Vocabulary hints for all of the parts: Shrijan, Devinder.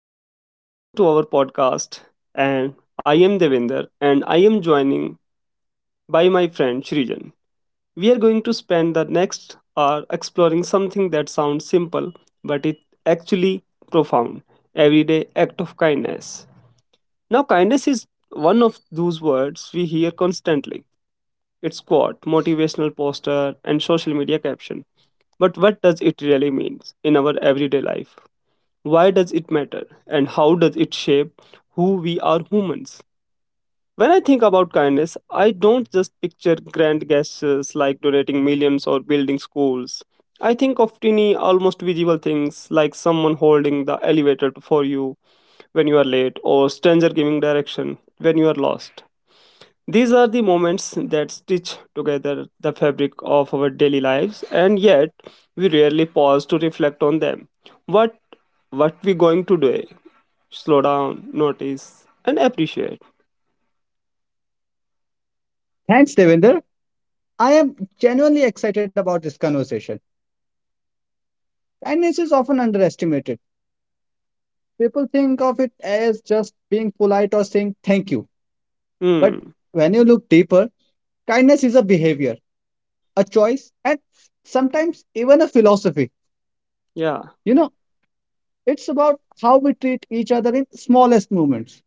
everyone. Welcome to our podcast. And I am Devinder, and I am joining by my friend Shrijan. We are going to spend the next hour exploring something that sounds simple, but it actually profound everyday act of kindness. Now, kindness is one of those words we hear constantly. It's quote, motivational poster, and social media caption. But what does it really mean in our everyday life? Why does it matter? And how does it shape who we are humans? When I think about kindness, I don't just picture grand gestures like donating millions or building schools. I think of tiny, almost visible things like someone holding the elevator for you when you are late or stranger giving direction when you are lost. These are the moments that stitch together the fabric of our daily lives and yet we rarely pause to reflect on them. What what we going to do slow down, notice, and appreciate. Thanks, Devinder. I am genuinely excited about this conversation. Kindness is often underestimated. People think of it as just being polite or saying thank you. But Hmm. when you look deeper, kindness is a behavior, a choice, and sometimes even a philosophy. Yeah. You know, it's about how we treat each other in smallest moments.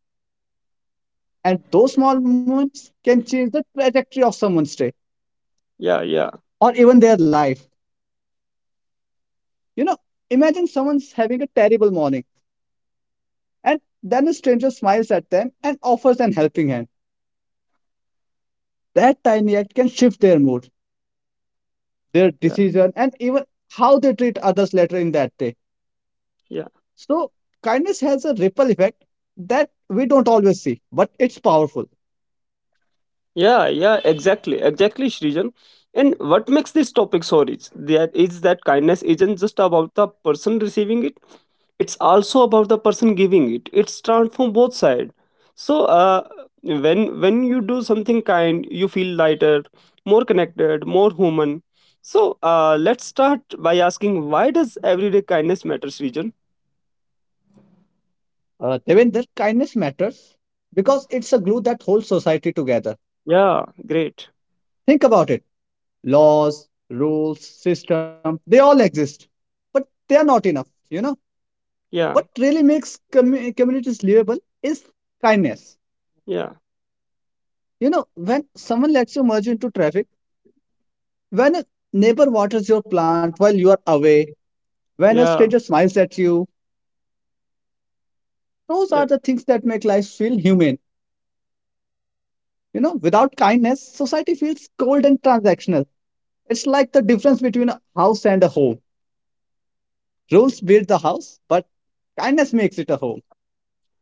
And those small moments can change the trajectory of someone's day Yeah. Yeah. or even their life. You know, imagine someone's having a terrible morning. And then a stranger smiles at them and offers an helping hand. That tiny act can shift their mood, their Yeah. decision, and even how they treat others later in that day. Yeah. So, kindness has a ripple effect that we don't always see, but it's powerful. Yeah. Yeah. Exactly. Exactly, Shrijan. And what makes this topic so rich? That is that kindness isn't just about the person receiving it; it's also about the person giving it. It's transformed from both sides. So, when you do something kind, you feel lighter, more connected, more human. So, let's start by asking why does everyday kindness matter, Shrijan? Devendra, kindness matters because it's a glue that holds society together. Yeah, great. Think about it: laws, rules, system, they all exist, but they are not enough. Yeah, What really makes communities livable is kindness. yeah, When someone lets you merge into traffic, when a neighbor waters your plant while you are away, when a yeah, stranger smiles at you, those yeah. are the things that make life feel humane. Without kindness, society feels cold and transactional. It's like the difference between a house and a home. Rules build the house, but kindness makes it a home.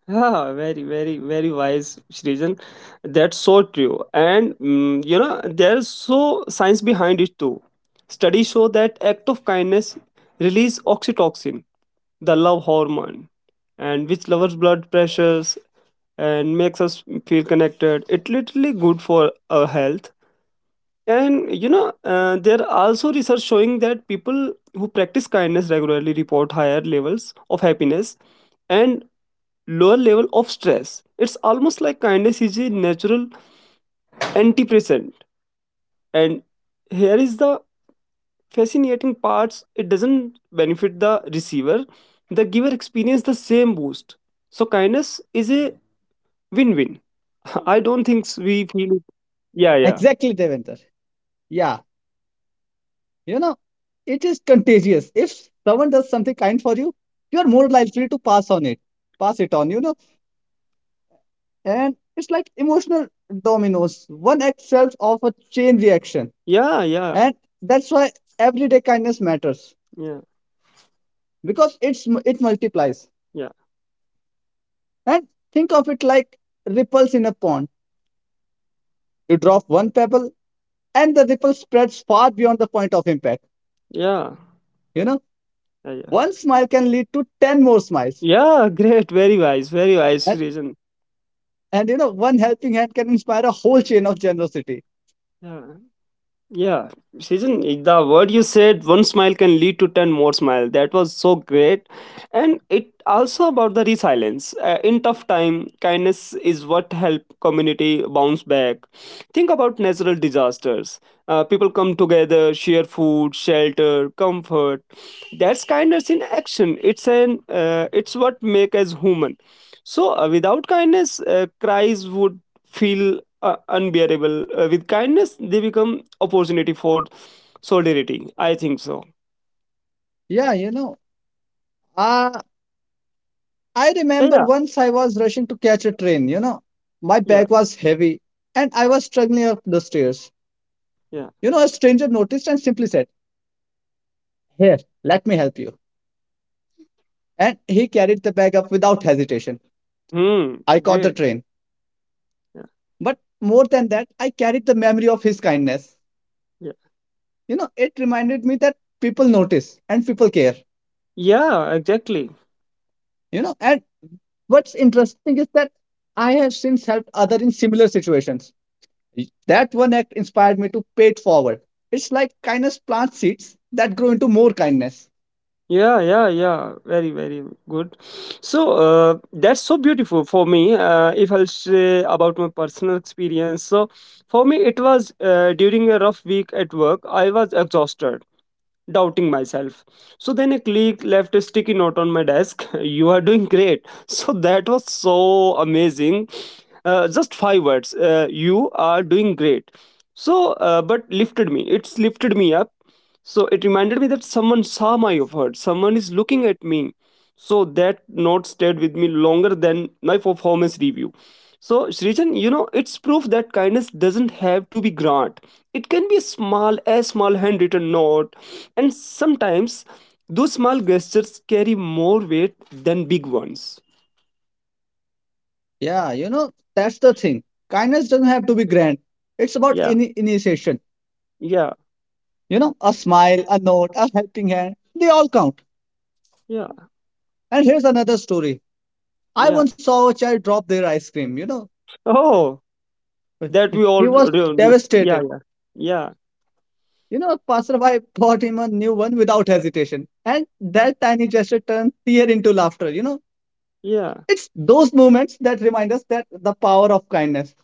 Yeah, very, very, very wise, Shrijan. That's so true. And you know, there's so science behind it too. Studies show that act of kindness release oxytocin, the love hormone, and which lowers blood pressures and makes us feel connected. It's literally good for our health. And you know, there are also research showing that people who practice kindness regularly report higher levels of happiness and lower level of stress. It's almost like kindness is a natural antidepressant. And here is the fascinating parts: it doesn't benefit the receiver; the giver experiences the same boost. So kindness is a win-win. I don't think we feel. Yeah, Exactly, yeah, Devendra. Yeah, you know, it is contagious. If someone does something kind for you, you are more likely to pass it on. And it's like emotional dominoes. One act sells off a chain reaction, yeah, yeah, and that's why everyday kindness matters yeah, yeah, because it multiplies. yeah, And think of it like ripples in a pond. You drop one pebble, and the ripple spreads far beyond the point of impact. yeah. You know, Yeah. one smile can lead to 10 more smiles, Yeah, great. Very wise. Very wise and reason. and one helping hand can inspire a whole chain of generosity. Yeah. Yeah, season the word you said, one smile can lead to 10 more smile. That was so great. And it also about the resilience. In tough time, kindness is what help community bounce back. Think about natural disasters. People come together, share food, shelter, comfort. That's kindness in action. It's an it's what make us human. So without kindness, cries would feel unbearable. With kindness, they become opportunity for solidarity. I think so. Yeah, I Yeah, remember yeah, once I was rushing to catch a train. My yeah. bag was heavy and I was struggling up the stairs. Yeah. A stranger noticed and simply said, "Here, let me help you." And he carried the bag up without hesitation. Hmm. I caught the Great. train. Yeah, But more than that, I carried the memory of his kindness. yeah, It reminded me that people notice and people care. yeah. Exactly. And what's interesting is that I have since helped others in similar situations. That one act inspired me to pay it forward. It's like kindness plants seeds that grow into more kindness. Yeah, yeah, yeah. Very, very good. So that's so beautiful for me. If I'll say about my personal experience, so for me it was during a rough week at work. I was exhausted doubting myself. So then a click left a sticky note on my desk. You are doing great. So that was so amazing. Just five words. You are doing great. So, but lifted me. It's lifted me up. So it reminded me that someone saw my effort. Someone is looking at me. So that note stayed with me longer than my performance review. So Srijan, you know, it's proof that kindness doesn't have to be grand. It can be a small handwritten note, and sometimes those small gestures carry more weight than big ones. Yeah, that's the thing. Kindness doesn't have to be grand, it's about Yeah, initiation. yeah, A smile, a note, a helping hand, they all count. yeah, And here's another story. I yeah. once saw a child drop their ice cream. Oh, that we He all. he was Yeah, devastated. yeah, yeah, A passerby bought him a new one without hesitation. And that tiny gesture turned fear into laughter. Yeah. It's those moments that remind us that the power of kindness.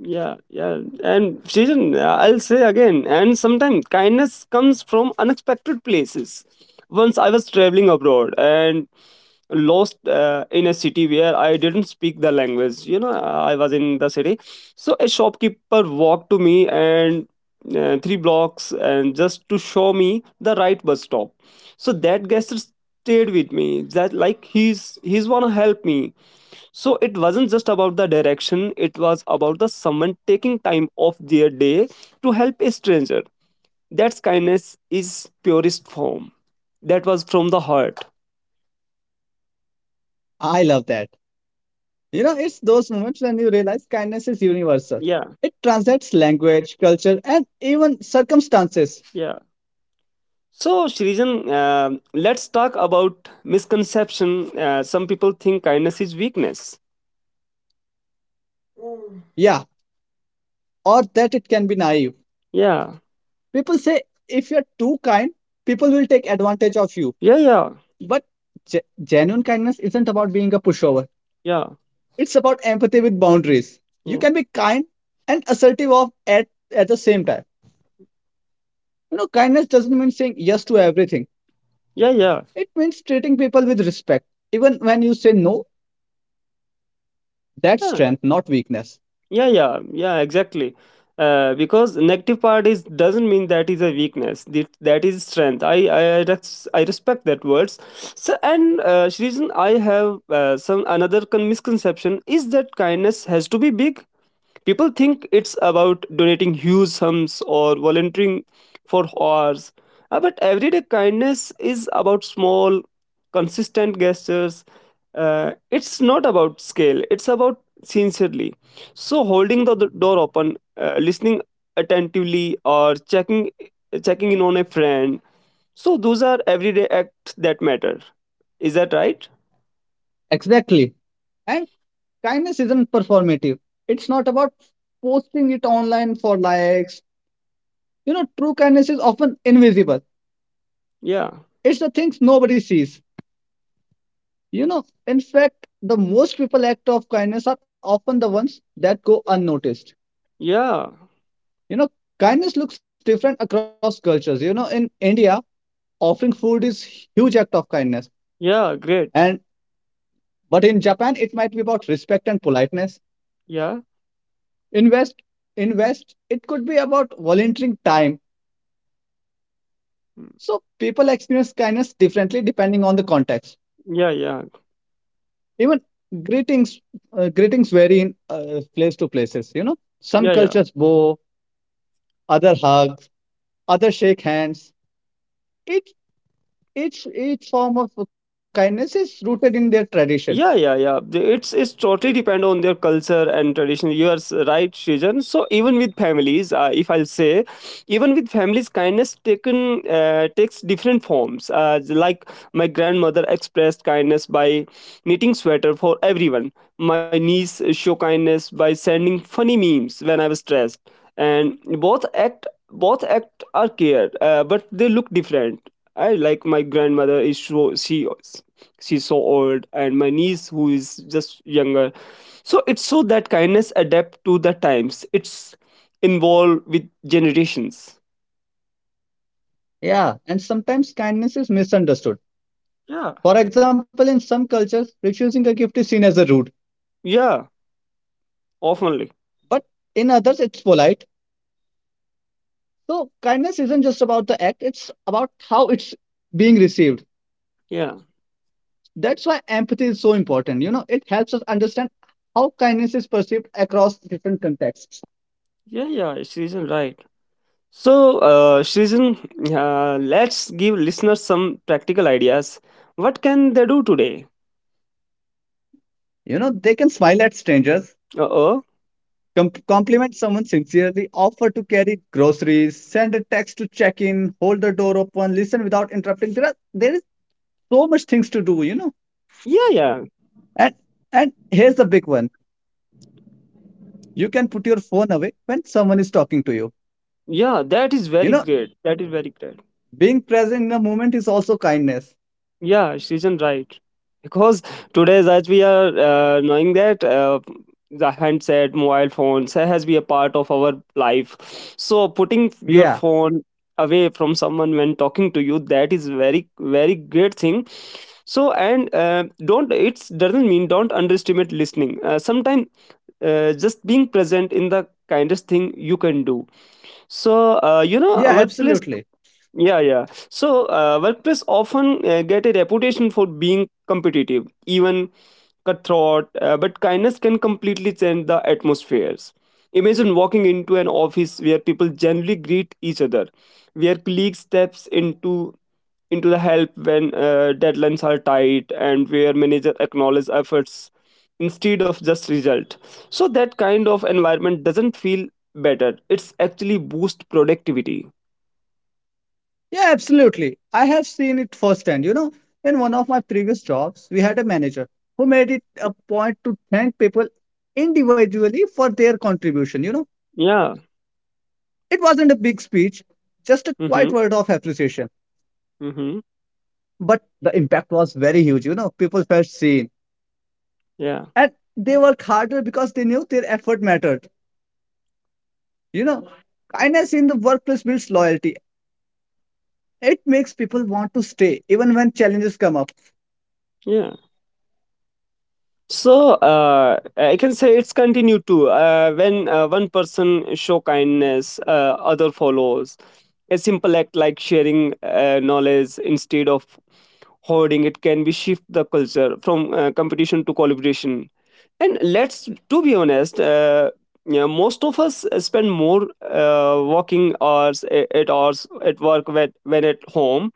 Yeah, yeah, and Srijan, I'll say again, and sometimes kindness comes from unexpected places. Once I was traveling abroad, and lost in a city where I didn't speak the language. You know, I was in the city. So a shopkeeper walked to me and three blocks and just to show me the right bus stop. So that guest stayed with me. That like he's wanna help me. So it wasn't just about the direction. It was about the someone taking time off their day to help a stranger. That's kindness is purest form. That was from the heart. I love that. It's those moments when you realize kindness is universal. Yeah, It transcends language, culture, and even circumstances. yeah. So, Shrijan, let's talk about misconception. Some people think kindness is weakness. Yeah, or that it can be naive. Yeah, People say if you're too kind, people will take advantage of you. yeah, yeah, But genuine kindness isn't about being a pushover. yeah, It's about empathy with boundaries. You yeah, can be kind and assertive of at the same time. Kindness doesn't mean saying yes to everything. yeah, yeah, It means treating people with respect, even when you say no. That's yeah, strength, not weakness. yeah, yeah, yeah, exactly. Because negative part is doesn't mean that is a weakness. That is strength. I respect that words. So and Shrijan, I have some another misconception is that kindness has to be big. People think it's about donating huge sums or volunteering for hours. But everyday kindness is about small, consistent gestures. Uh, it's not about scale, it's about sincerely. So, holding the door open, listening attentively, or checking checking in on a friend. So, those are everyday acts that matter. Is that right? Exactly. And kindness isn't performative. It's not about posting it online for likes. True kindness is often invisible. Yeah, It's the things nobody sees. In fact, the most people act of kindness are often the ones that go unnoticed. yeah, You know, kindness looks different across cultures. In India, offering food is huge act of kindness. yeah, And great. but in Japan, it might be about respect and politeness. Yeah. invest invest, it could be about volunteering time, Mm. so people experience kindness differently depending on the context. Yeah, yeah, Even greetings greetings vary in place to places. Some yeah, yeah. cultures bow, other hugs, other shake hands. Each each each form of kindness is rooted in their tradition. Yeah, yeah, yeah. It's totally depend on their culture and tradition. You are right, Srijan. So even with families, if I'll say, even with families, kindness taken takes different forms. Like my grandmother expressed kindness by knitting sweater for everyone. My niece show kindness by sending funny memes when I was stressed, and both act are care, but they look different. I like my grandmother is so she she's so old and my niece who is just younger. So it's so that kindness adapt to the times. It's involved with generations. Yeah, and sometimes kindness is misunderstood. Yeah. For example, in some cultures, refusing a gift is seen as a rude, Yeah. Oftenly. but in others it's polite. So kindness isn't just about the act, it's about how it's being received. Yeah. That's why empathy is so important. It helps us understand how kindness is perceived across different contexts. Yeah, yeah, Shrijan, right. So, Shrijan, let's give listeners some practical ideas. What can they do today? They can smile at strangers, Uh-oh. compliment someone sincerely, offer to carry groceries, send a text to check in, hold the door open, listen without interrupting. There is so much things to do. Yeah, yeah. And and here's the big one. You can put your phone away when someone is talking to you. Yeah, that is You very know, great. That is very great. Being present in the moment is also kindness. Yeah, Srijan, right. Because today, as we are knowing that the handset, mobile phones has been a part of our life. So putting your Yeah. phone away from someone when talking to you, that is very, very great thing. So and don't it doesn't mean don't underestimate listening. Sometimes just being present in the kindest thing you can do. So you know, Yeah, workplace, absolutely. yeah, yeah. So WordPress often get a reputation for being competitive, even cutthroat, but kindness can completely change the atmospheres. Imagine walking into an office where people generally greet each other, where colleagues steps into the help when deadlines are tight, and where manager acknowledge efforts instead of just result. So that kind of environment doesn't feel better. It's actually boost productivity. Yeah, absolutely. I have seen it firsthand. In one of my previous jobs, we had a manager who made it a point to thank people individually for their contribution. You know, Yeah. it wasn't a big speech, just a Hmm. quiet word of appreciation. Mm-hmm. But the impact was very huge. People felt seen Yeah. and they worked harder because they knew their effort mattered. You know, kindness in the workplace builds loyalty. It makes people want to stay even when challenges come up. Yeah. So I can say it's continued to when one person show kindness, other follows. A simple act like sharing knowledge instead of hoarding it can be shift the culture from competition to collaboration. And let's to be honest, yeah, most of us spend more working hours at hours at work when at home.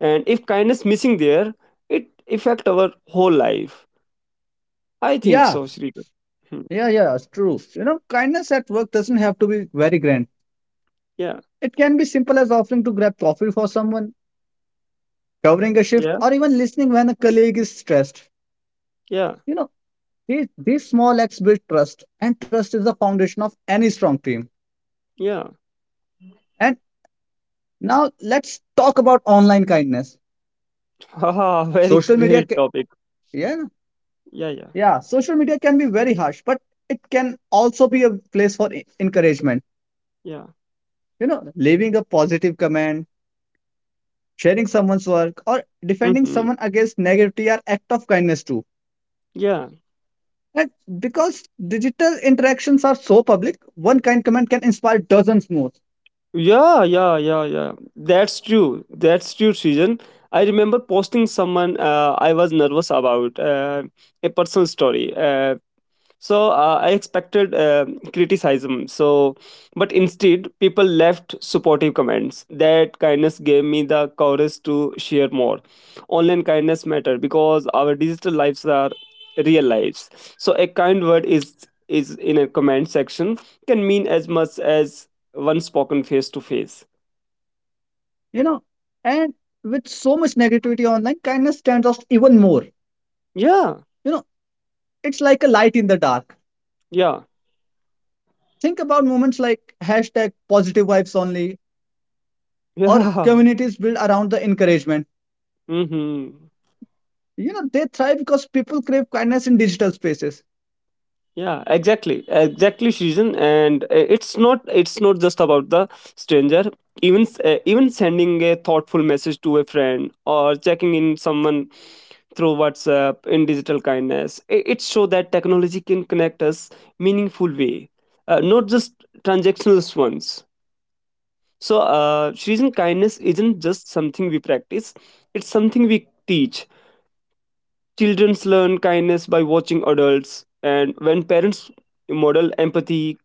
And if kindness missing there, it affect our whole life. I think Yeah, so, Shrikar. Hmm. yeah, yeah, it's true. Kindness at work doesn't have to be very grand. Yeah, It can be simple as offering to grab coffee for someone, covering a shift, yeah, or even listening when a colleague is stressed. yeah, you know these small acts build trust, and trust is the foundation of any strong team. yeah. And now let's talk about online kindness. Haha, very social media great ca- topic. yeah Yeah, yeah, yeah. Social media can be very harsh, but it can also be a place for encouragement. yeah. Leaving a positive comment, sharing someone's work, or defending Mm-hmm. someone against negativity are act of kindness too. Yeah. And because digital interactions are so public, one kind comment can inspire dozens more. Yeah, yeah, yeah, yeah. That's true. That's true, Srijan. I remember posting someone I was nervous about, a personal story. So I expected criticism. So, but instead, people left supportive comments. That kindness gave me the courage to share more. Online kindness matter because our digital lives are real lives. So a kind word is in a comment section can mean as much as one spoken face to face. You know, and with so much negativity online, kindness stands out even more. Yeah, You know, it's like a light in the dark. yeah, Think about moments like #PositiveVibesOnly, or yeah. communities built around the encouragement. Mm-hmm. They thrive because people crave kindness in digital spaces. Yeah, exactly, exactly, season, and it's not just about the stranger, even even sending a thoughtful message to a friend or checking in someone through whatsapp in digital kindness, it shows that technology can connect us meaningful way, not just transactional ones. So season kindness isn't just something we practice, it's something we teach. Children learn kindness by watching adults, and when parents model empathy,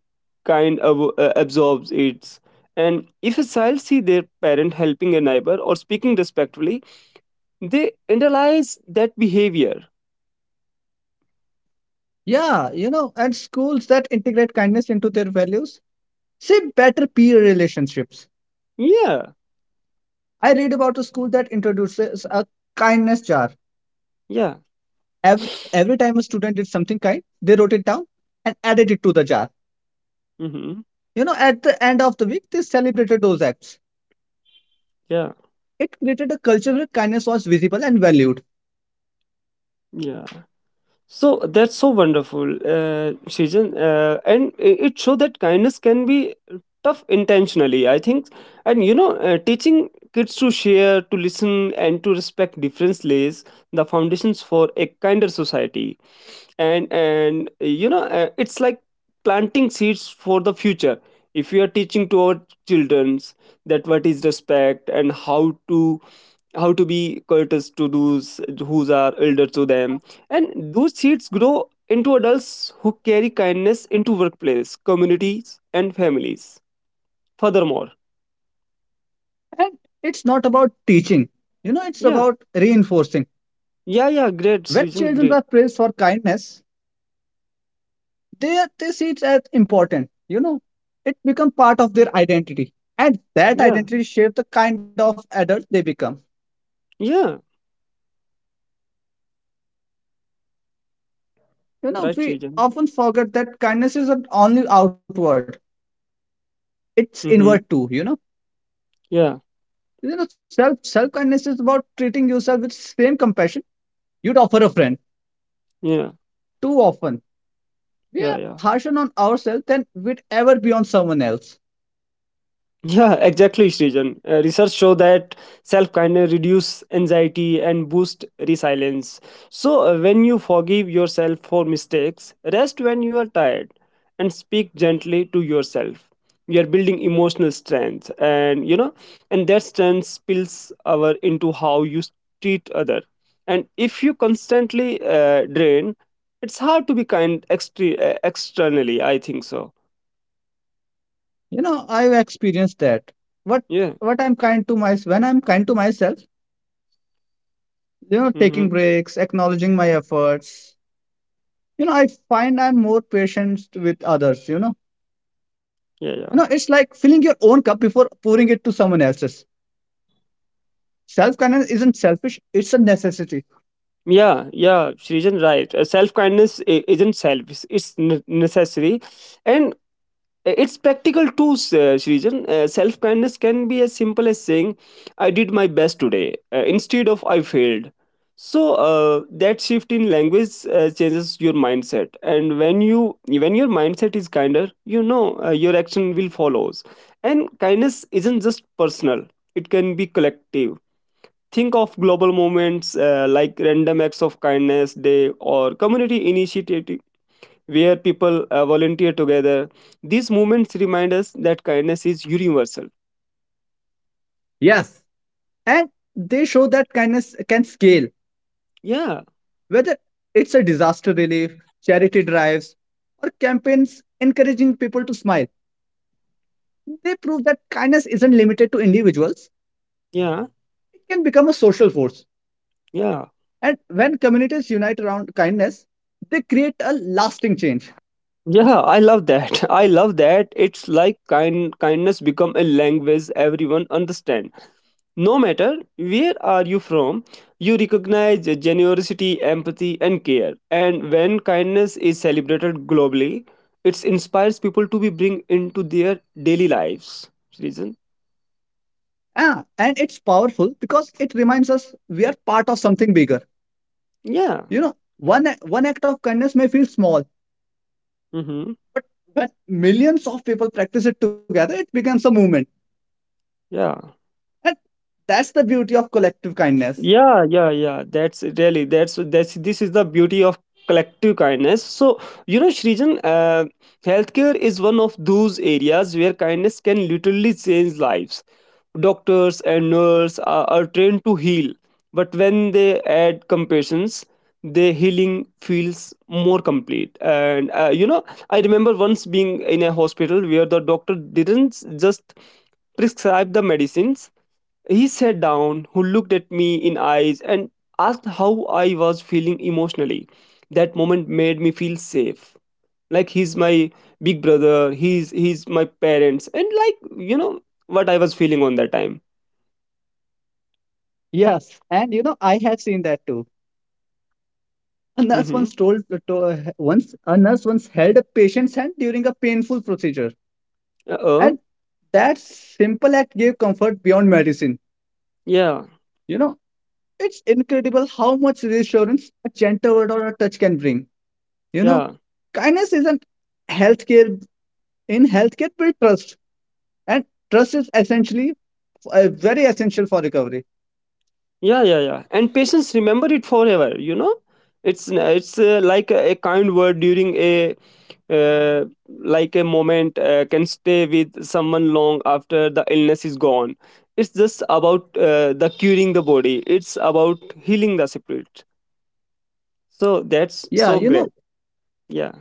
kind of absorbs it. And if a child see their parent helping a neighbor or speaking respectfully, they internalize that behavior. Yeah, and schools that integrate kindness into their values see better peer relationships. Yeah, I read about a school that introduces a kindness jar. yeah. Every time a student did something kind, they wrote it down and added it to the jar. Hmm. At the end of the week, they celebrated those acts. Yeah, It created a culture where kindness was visible and valued. yeah. So that's so wonderful, Shijan, and it shows that kindness can be tough intentionally. I think, and you know, teaching kids to share, to listen, and to respect difference lays the foundations for a kinder society. And you know, it's like planting seeds for the future. If we are teaching to our childrens that what is respect and to how to be courteous to those who are elder to them, and those seeds grow into adults who carry kindness into workplace, communities, and families. Furthermore, And it's not about teaching, it's yeah, about reinforcing. yeah, yeah, great, When Srijan, children great. are praised for kindness, they see it as important. It become part of their identity, and that Yeah, identity shapes the kind of adult they become. yeah, right, We Srijan. often forget that kindness isn't only outward, it's inward Mm-hmm. too you know Yeah, you know self self kindness is about treating yourself with same compassion you'd offer a friend. yeah, Too often, we yeah, are yeah. harsher on ourselves than we'd ever be on someone else. Yeah, exactly, Srijan. Research show that self-kindness reduce anxiety and boost resilience. So when you forgive yourself for mistakes, rest when you are tired and speak gently to yourself. We are building emotional strength and and that strength spills over into how you treat other. And if you constantly drain, it's hard to be kind externally, I think so. I've experienced that what Yeah. what I'm kind to myself when I'm kind to myself, taking Mhm. breaks, acknowledging my efforts, I find I'm more patient with others. Yeah, yeah. It's like filling your own cup before pouring it to someone else's. Self kindness isn't selfish, it's a necessity. Yeah, yeah, Srijan, right. Self kindness isn't selfish; it's necessary, and it's practical too. Srijan, self kindness can be as simple as saying, "I did my best today," instead of "I failed." So that shift in language changes your mindset, and when your mindset is kinder, your action will follows. And kindness isn't just personal; it can be collective. Think of global movements like Random Acts of Kindness Day or community initiative where people volunteer together. These movements remind us that kindness is universal. Yes, and they show that kindness can scale, Yeah, whether it's a disaster relief, charity drives, or campaigns encouraging people to smile. They prove that kindness isn't limited to individuals, yeah, it can become a social force. yeah. And when communities unite around kindness, they create a lasting change. Yeah, I love that. I love that. It's like kindness become a language everyone understand. No matter where are you from, you recognize generosity, empathy, and care. And when kindness is celebrated globally, it inspires people to be bring into their daily lives. Reason? Ah, and it's powerful because it reminds us we are part of something bigger. Yeah. One act of kindness may feel small, Mm-hmm. but when millions of people practice it together, it becomes a movement. Yeah. And that's the beauty of collective kindness. Yeah. Yeah. Yeah. That's really that's this is the beauty of collective kindness. So Shrijan, healthcare is one of those areas where kindness can literally change lives. Doctors and nurses are trained to heal, but when they add compassions their healing feels more complete. And I remember once being in a hospital where the doctor didn't just prescribe the medicines. He sat down, who looked at me in eyes and asked how I was feeling emotionally. That moment made me feel safe. Like he's my big brother, he's my parents and like you know what I was feeling on that time. Yes, and I have seen that too. A nurse Mhm. once told to, once a nurse once held a patient's hand during a painful procedure, Uh-uh. and that simple act gave comfort beyond medicine Yeah. you know It's incredible how much reassurance a gentle word or a touch can bring. You know, Yeah. kindness isn't healthcare in healthcare, but trust and trust is essentially, very essential for recovery. Yeah, yeah, yeah. And patients remember it forever. You know, it's it's like a kind word during a like a moment can stay with someone long after the illness is gone. It's just about the curing the body. It's about healing the spirit. So Yeah, that's so great. Yeah.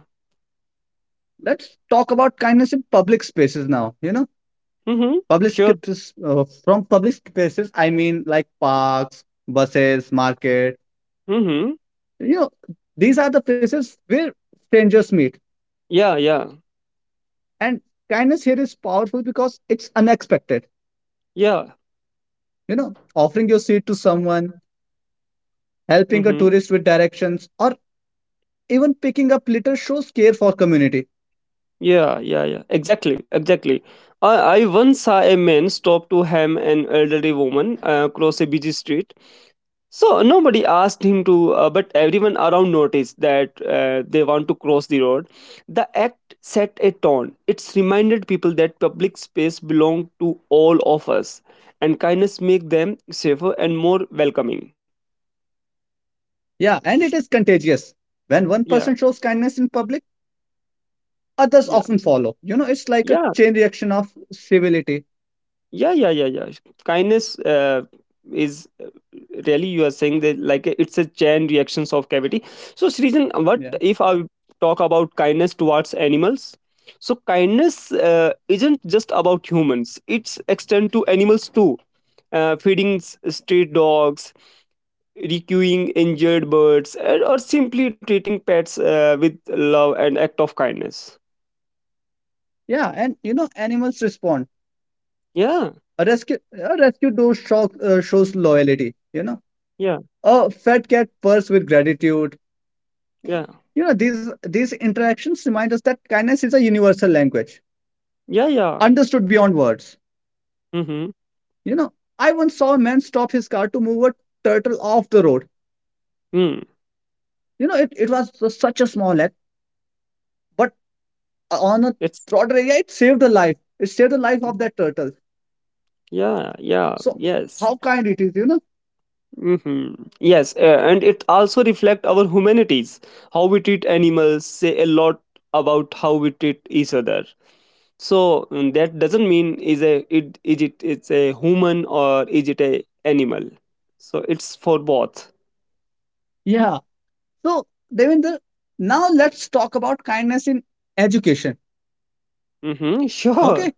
let's talk about kindness in public spaces now. You know, Mm-hmm. public Sure. spaces, from public spaces, I mean, like parks, buses, market. Mm-hmm. You know, these are the places where strangers meet, Yeah. Yeah. and kindness here is powerful because it's unexpected. Yeah. Offering your seat to someone, helping a Mm-hmm. tourist with directions, or even picking up litter shows care for community. Yeah, yeah, yeah. Exactly, exactly. I once saw a man stop to ham an elderly woman across a busy street. So nobody asked him to, but everyone around noticed that they want to cross the road. The act set a tone. It's reminded people that public space belong to all of us, and kindness make them safer and more welcoming. Yeah, and it is contagious. When one Yeah, person shows kindness in public, others yeah, often follow. It's like a yeah. chain reaction of civility. Yeah, yeah, yeah, yeah. Kindness is really you are saying that like it's a chain reactions of cavity. So Srijan, what Yeah. if I talk about kindness towards animals? So kindness isn't just about humans. It's extend to animals too. Feeding stray dogs, rescuing injured birds and, or simply treating pets with love and act of kindness. Yeah, and animals respond. Yeah. A rescue dog shock, shows loyalty. You know, Yeah. a fat cat purrs with gratitude. Yeah. These interactions remind us that kindness is a universal language, Yeah. Yeah. understood beyond words. Mm-hmm. You know, I once saw a man stop his car to move a turtle off the road. Mm. It was such a small act, but on a It's. throttle area, it saved a life. It saved the life of that turtle. Yeah, yeah, So, yes. how kind it is, you know? Hmm. Yes, and it also reflect our humanities, how we treat animals, say a lot about how we treat each other. So mm, that doesn't mean is a it is it it's a human or is it a animal. So it's for both. Yeah. So, Devendra, now let's talk about kindness in education. Mm-hmm. Sure. Okay.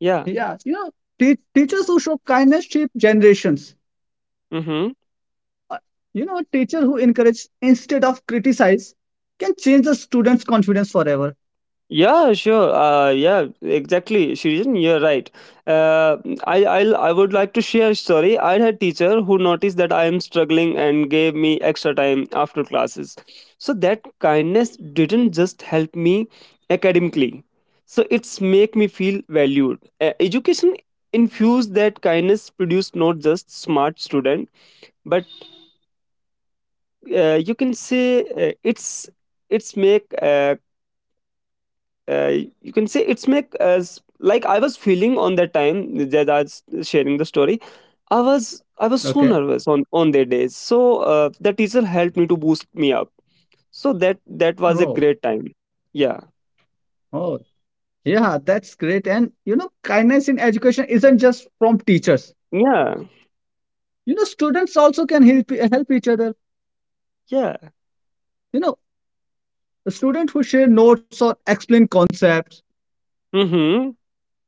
Yeah. Yeah. Teachers who show kindness shape generations. Mm-hmm. Uh, a teacher who encourages instead of criticize can change the student's confidence forever. Yeah, sure. Yeah, exactly. Shirijan, you're right. Uh, I would like to share a story. I had teacher who noticed that I am struggling and gave me extra time after classes. So that kindness didn't just help me academically. So it's make me feel valued. Education infused that kindness produced not just smart student, but you can say it's make uh, you can say it's make as like I was feeling on that time that I was sharing the story. I was so Okay. nervous on that day. So the teacher helped me to boost me up. So that was a Oh, great time. Yeah. oh, yeah, that's great. And kindness in education isn't just from teachers. Yeah. Students also can help each other. Yeah. You know, a student who share notes or explain concepts, Mhm.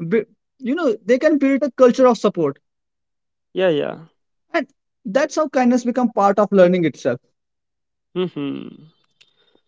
be- they can build a culture of support. Yeah, yeah. And that's how kindness become part of learning itself. Mhm.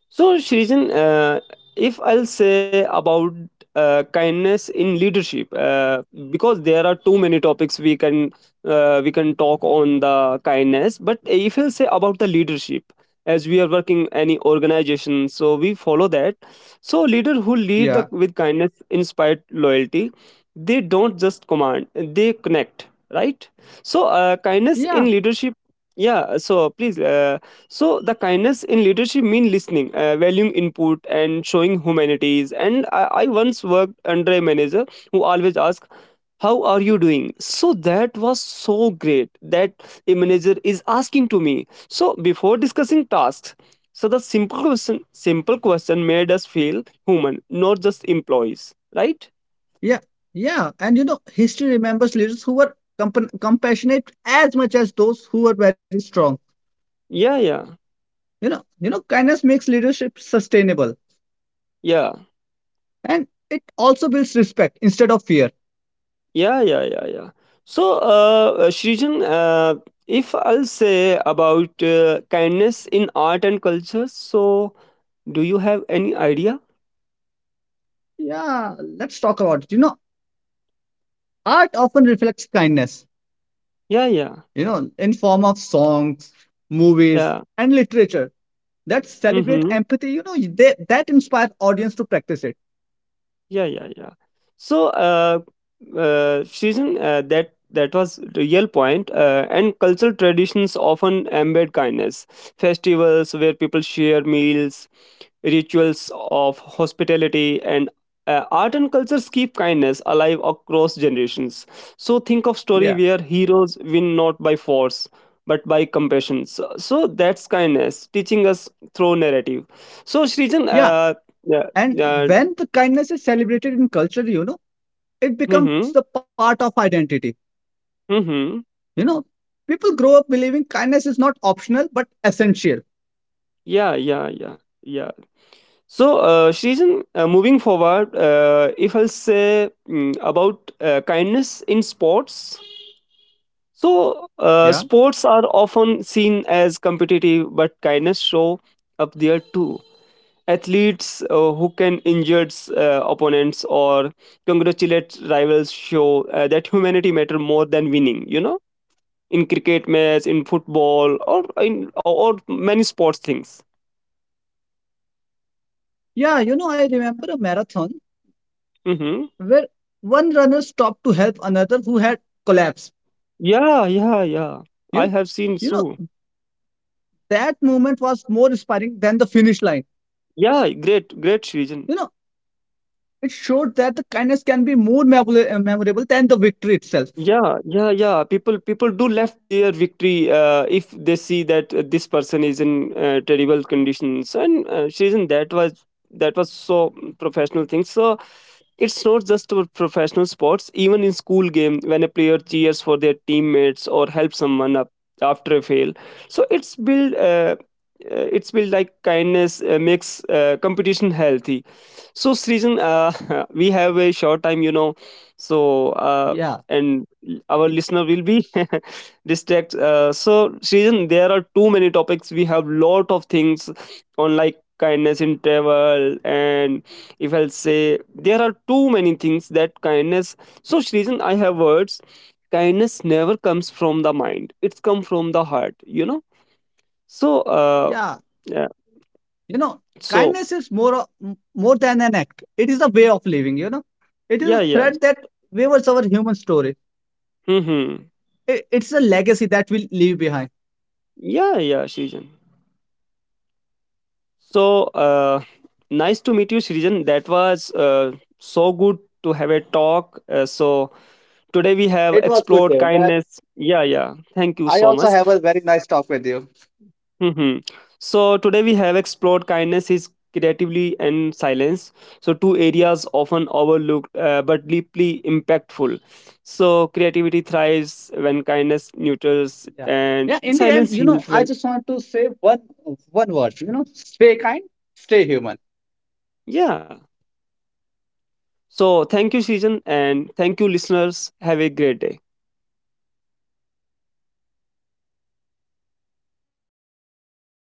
So, Shrijan, if I'll say about kindness in leadership, because there are too many topics we can talk on the kindness. But if I'll say about the leadership, as we are working any organization, so we follow that. So, leader who lead Yeah. with kindness inspired loyalty, they don't just command; they connect, right? So, kindness Yeah. in leadership. Yeah. So, please. So the kindness in leadership means listening, valuing input, and showing humanities. And I once worked under a manager who always asked, "How are you doing?" So that was so great that a manager is asking to me. So before discussing tasks, so the simple question made us feel human, not just employees. Right? Yeah, yeah, and history remembers leaders who were compan compassionate as much as those who were very strong. Yeah, yeah, Kindness makes leadership sustainable, yeah. and it also builds respect instead of fear. Yeah, yeah, yeah, yeah. So, Shrijan, if I'll say about kindness in art and culture, so do you have any idea? Yeah, let's talk about it. Art often reflects kindness. Yeah, yeah, In form of songs, movies yeah. and literature that celebrate Mm-hmm. empathy, that inspire audience to practice it. Yeah, yeah, yeah. So, Shrijan, that was real point. And cultural traditions often embed kindness. Festivals where people share meals, rituals of hospitality and art and cultures keep kindness alive across generations. So think of story Yeah, where heroes win not by force but by compassion. So, so that's kindness teaching us through narrative. So shrijan, yeah. Yeah, And yeah. when the kindness is celebrated in culture, it becomes Mm-hmm, the part of identity. mm-hmm. you know People grow up believing kindness is not optional but essential. Yeah, yeah, yeah, yeah. So shrijan, moving forward, if I'll say about kindness in sports. So, Yeah. Sports are often seen as competitive, but kindness show up there too. Athletes who can injure opponents or congratulate rivals show that humanity matter more than winning. You know, in cricket match, in football, or in or many sports things. Yeah, I remember a marathon Hmm. where one runner stopped to help another who had collapsed. Yeah, yeah, yeah. I You, have seen you know, so. that moment was more inspiring than the finish line. Yeah, great, great region. You know, it showed that the kindness can be more memorable than the victory itself. Yeah, yeah, yeah. People do left their victory if they see that this person is in terrible conditions and reason. That was so professional thing. So it's not just for professional sports. Even in school game, when a player cheers for their teammates or helps someone up after a fail, so it's build it's built like kindness makes competition healthy. So Srijan, we have a short time, you know. So Yeah, and our y- listener will be distracted. So, Srijan, there are too many topics. We have lot of things on like kindness in travel, and if I'll say there are too many things that kindness. So, Srijan, I have words. Kindness never comes from the mind; it's come from the heart. You know. So, yeah. yeah. You know, So, kindness is more than an act. It is a way of living. It is yeah, a yeah. thread that weaves our human story. Hmm. Hmm. It's a legacy that we leave behind. Yeah, yeah, Srijan. So nice to meet you, Srijan. That was so good to have a talk. So today we have It was good, explored David. That kindness. Yeah, yeah. Thank you I so also much. have a very nice talk with you. Hmm. So today we have explored kindness is creatively and silence. So two areas often overlooked but deeply impactful. So creativity thrives when kindness nurtures Yeah. and Yeah. In the end, silence heals I when just want to say one word, stay kind, stay human. yeah. So thank you, Srijan, and thank you, listeners. Have a great day.